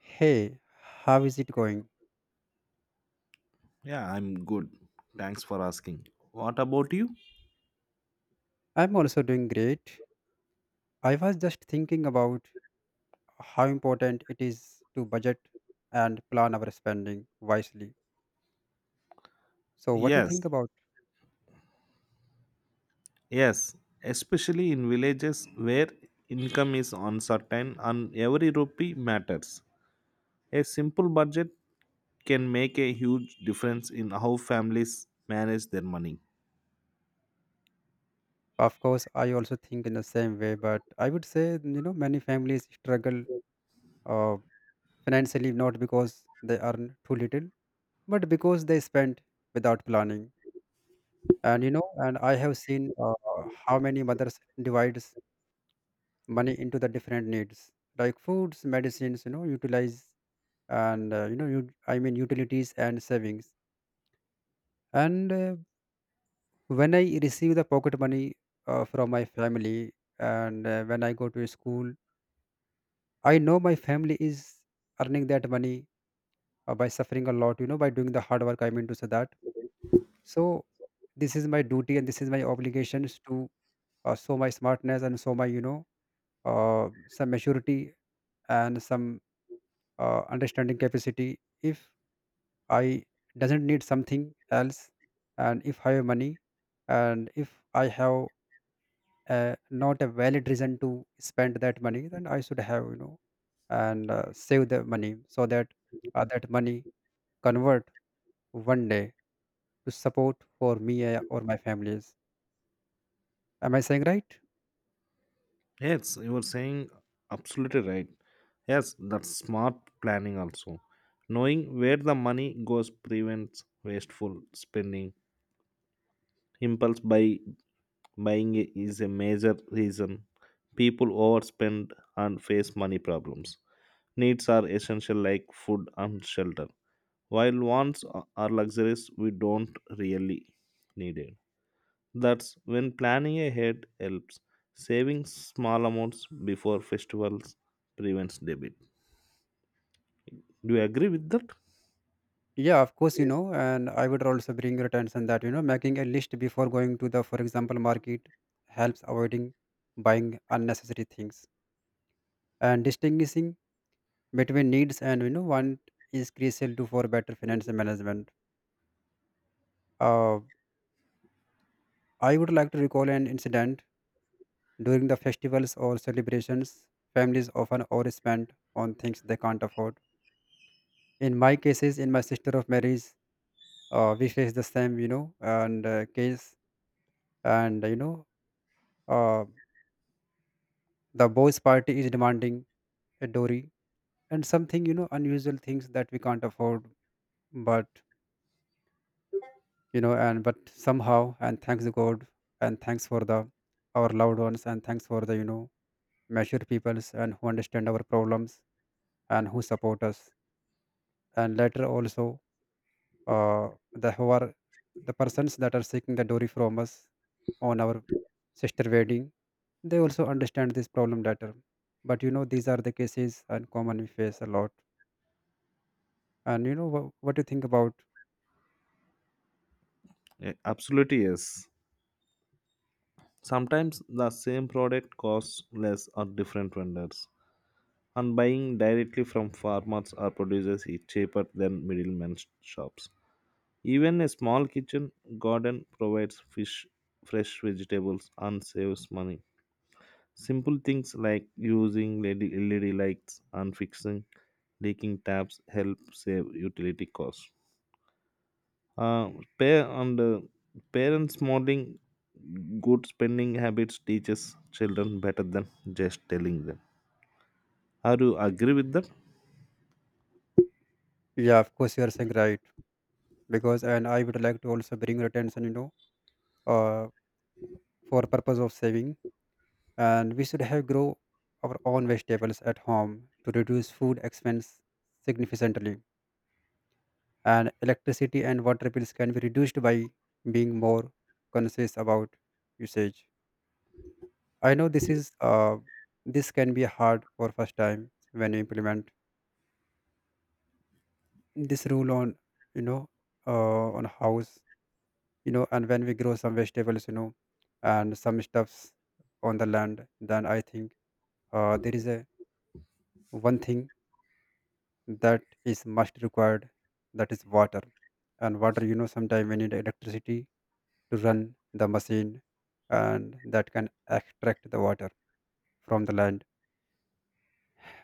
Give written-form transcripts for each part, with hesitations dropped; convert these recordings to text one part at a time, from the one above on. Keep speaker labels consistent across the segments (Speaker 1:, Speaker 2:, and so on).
Speaker 1: Hey, how is it going?
Speaker 2: Yeah, I'm good. Thanks for asking. What about you?
Speaker 1: I'm also doing great. I was just thinking about how important it is to budget and plan our spending wisely. So, what do you think
Speaker 2: Yes,
Speaker 1: about?
Speaker 2: yes, especially in villages where income is uncertain and every rupee matters. A simple budget can make a huge difference in how families manage their money.
Speaker 1: Of course, I also think in the same way, but I would say, you know, many families struggle uh, financially not because they earn too little, but because they spend without planning. And you know, and I have seen how many mothers divide money into the different needs like foods medicines you know utilize and you know you I mean utilities and savings and when I receive the pocket money from my family and when I go to school, I know my family is earning that money by suffering a lot, you know, by doing the hard work, I mean to say that. So this is my duty and this is my obligations to show my smartness and show my you know some maturity and some understanding capacity if I doesn't need something else. And if I have money, and if I have not a valid reason to spend that money, then I should have you know and save the money so that that money convert one day to support for me or my families. Am I saying right?
Speaker 2: Yes, you were saying absolutely right. Yes, that's smart planning also. Knowing where the money goes prevents wasteful spending, impulse buy Buying is a major reason people overspend and face money problems. Needs are essential, like food and shelter, while wants are luxuries we don't really need it. That's when planning ahead helps. Saving small amounts before festivals prevents debit. Do you agree with that?
Speaker 1: Yeah, of course, you know, and I would also bring your attention that, you know, making a list before going to the, for example, market helps avoiding buying unnecessary things and distinguishing between needs and you know want is crucial to for better financial management. Uh, I would like to recall an incident during the festivals or celebrations. Families often overspend on things they can't afford. In my cases, in my sister of marriage, we face the same, you know, and case, and you know, uh, the boys' party is demanding a dowry and something, you know, unusual things that we can't afford. But you know and but somehow, and thanks god, and thanks for the our loved ones, and thanks for the you know mature peoples and who understand our problems and who support us and later also uh the who are the persons that are seeking the dowry from us on our sister wedding, they also understand this problem later. But you know, these are the cases and common we face a lot. And you know, what do you think about?
Speaker 2: Absolutely, yes. Sometimes the same product costs less at different vendors, and buying directly from farmers or producers is cheaper than middlemen shops. Even a small kitchen garden provides fish, fresh vegetables, and saves money. Simple things like using LED lights and fixing leaking taps help save utility costs. Uh, and parents modeling good spending habits teaches children better than just telling them. How do you agree with that?
Speaker 1: Yeah, of course, you are saying right, because and I would like to also bring your attention, you know, uh, for purpose of saving, and we should have grow our own vegetables at home to reduce food expense significantly, and electricity and water bills can be reduced by being more conscious about usage. I know this is this can be hard for first time when you implement this rule on you know on house. You know, and when we grow some vegetables, you know, and some stuffs on the land, then I think there is a one thing that is must required, that is water. And water, you know, sometimes we need electricity to run the machine, and that can extract the water from the land.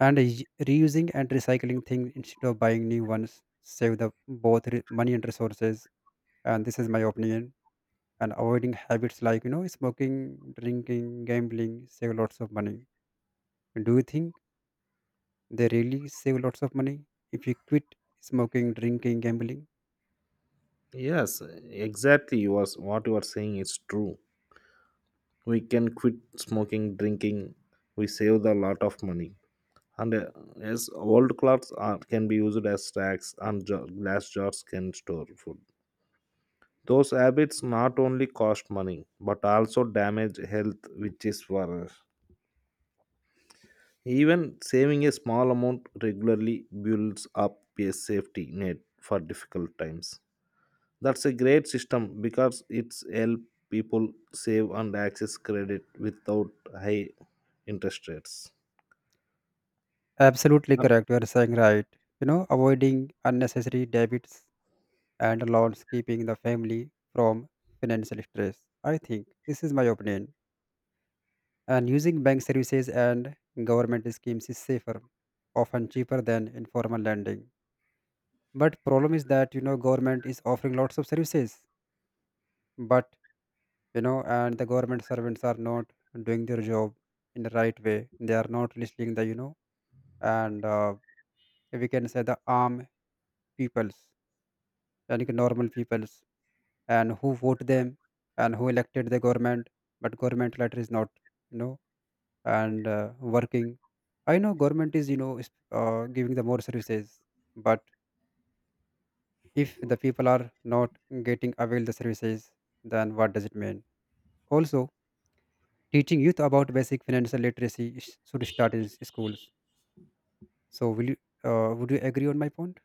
Speaker 1: And reusing and recycling things instead of buying new ones save the both money and resources, and this is my opinion. And avoiding habits like you know smoking, drinking, gambling save lots of money. Do you think they really save lots of money if you quit smoking, drinking, gambling?
Speaker 2: Yes, exactly. You was what you are saying is true. We can quit smoking, drinking. We save a lot of money. And yes, old clothes are, can be used as stacks, and jar, glass jars can store food. Those habits not only cost money but also damage health, which is worse. Even saving a small amount regularly builds up a safety net for difficult times. That's a great system because it's help people save and access credit without high interest rates.
Speaker 1: Absolutely
Speaker 2: Uh,
Speaker 1: correct. You are saying right. You know, avoiding unnecessary debits and loans, keeping the family from financial stress. I think this is my opinion. And using bank services and government schemes is safer, often cheaper than informal lending. But problem is that you know government is offering lots of services, but you know, and the government servants are not doing their job in the right way. They are not listening the you know, and we can say the arm peoples and like normal peoples and who vote them and who elected the government, but government letter is not you know and working. I know government is you know is, giving the more services, but if the people are not getting avail the services, then what does it mean? Also, teaching youth about basic financial literacy should start in schools. So will you would you agree on my point?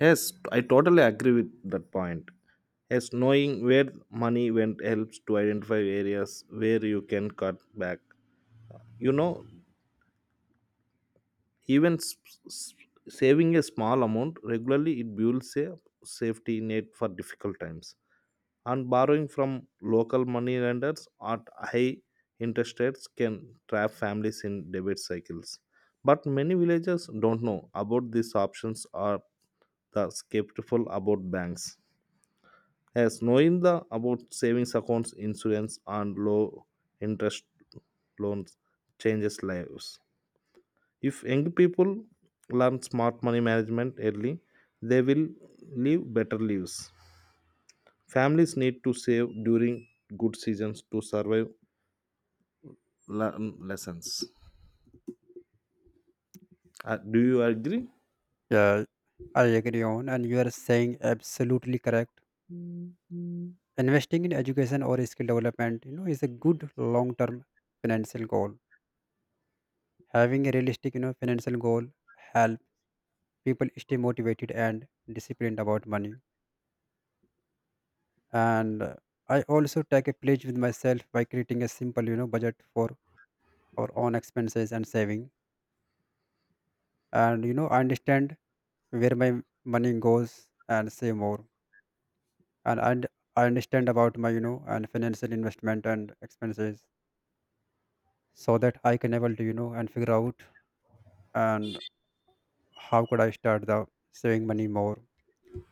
Speaker 2: Yes, I totally agree with that point. Yes, knowing where money went helps to identify areas where you can cut back. You know, even s- saving a small amount regularly it builds a safety net for difficult times. And borrowing from local money lenders at high interest rates can trap families in debt cycles. But many villagers don't know about these options or the skeptical about banks. As knowing the about savings accounts, insurance, and low interest loans changes lives. If young people learn smart money management early, they will live better lives. Families need to save during good seasons to survive learn lessons. Do you agree?
Speaker 1: Yeah, I agree on, and you are saying absolutely correct. Investing in education or skill development, you know, is a good long-term financial goal. Having a realistic, you know, financial goal help people stay motivated and disciplined about money. And I also take a pledge with myself by creating a simple, you know, budget for our own expenses and saving. And you know, I understand where my money goes and save more. And I understand about my, you know, and financial investment and expenses, so that I can able to, you know, and figure out and how could I start the saving money more?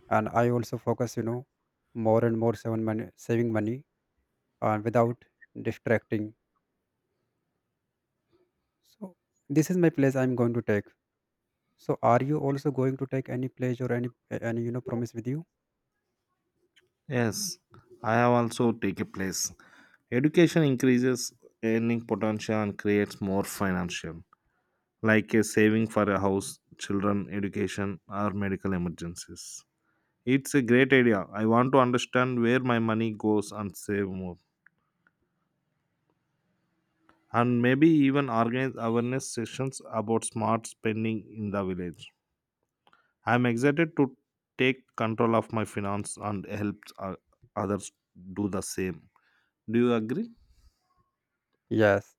Speaker 1: And I also focus, you know, more and more saving money, and without distracting. So this is my pledge I'm going to take. So are you also going to take any pledge or any you know promise with you?
Speaker 2: Yes, I have also taken place. Education increases earning potential and creates more financial, like a saving for a house, children, education, or medical emergencies. It's a great idea. I want to understand where my money goes and save more. And maybe even organize awareness sessions about smart spending in the village. I'm excited to take control of my finance and help others do the same. Do you agree?
Speaker 1: Yes,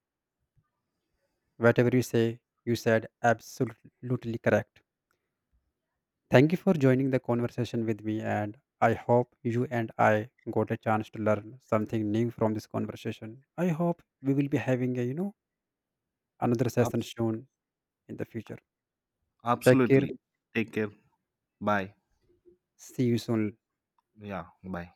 Speaker 1: whatever you say, you said absolutely correct. Thank you for joining the conversation with me, and I hope you and I got a chance to learn something new from this conversation. I hope we will be having a you know another session
Speaker 2: Abs-
Speaker 1: soon. In the future. Take care.
Speaker 2: absolutely. Take care. Bye.
Speaker 1: See you soon.
Speaker 2: Yeah, bye.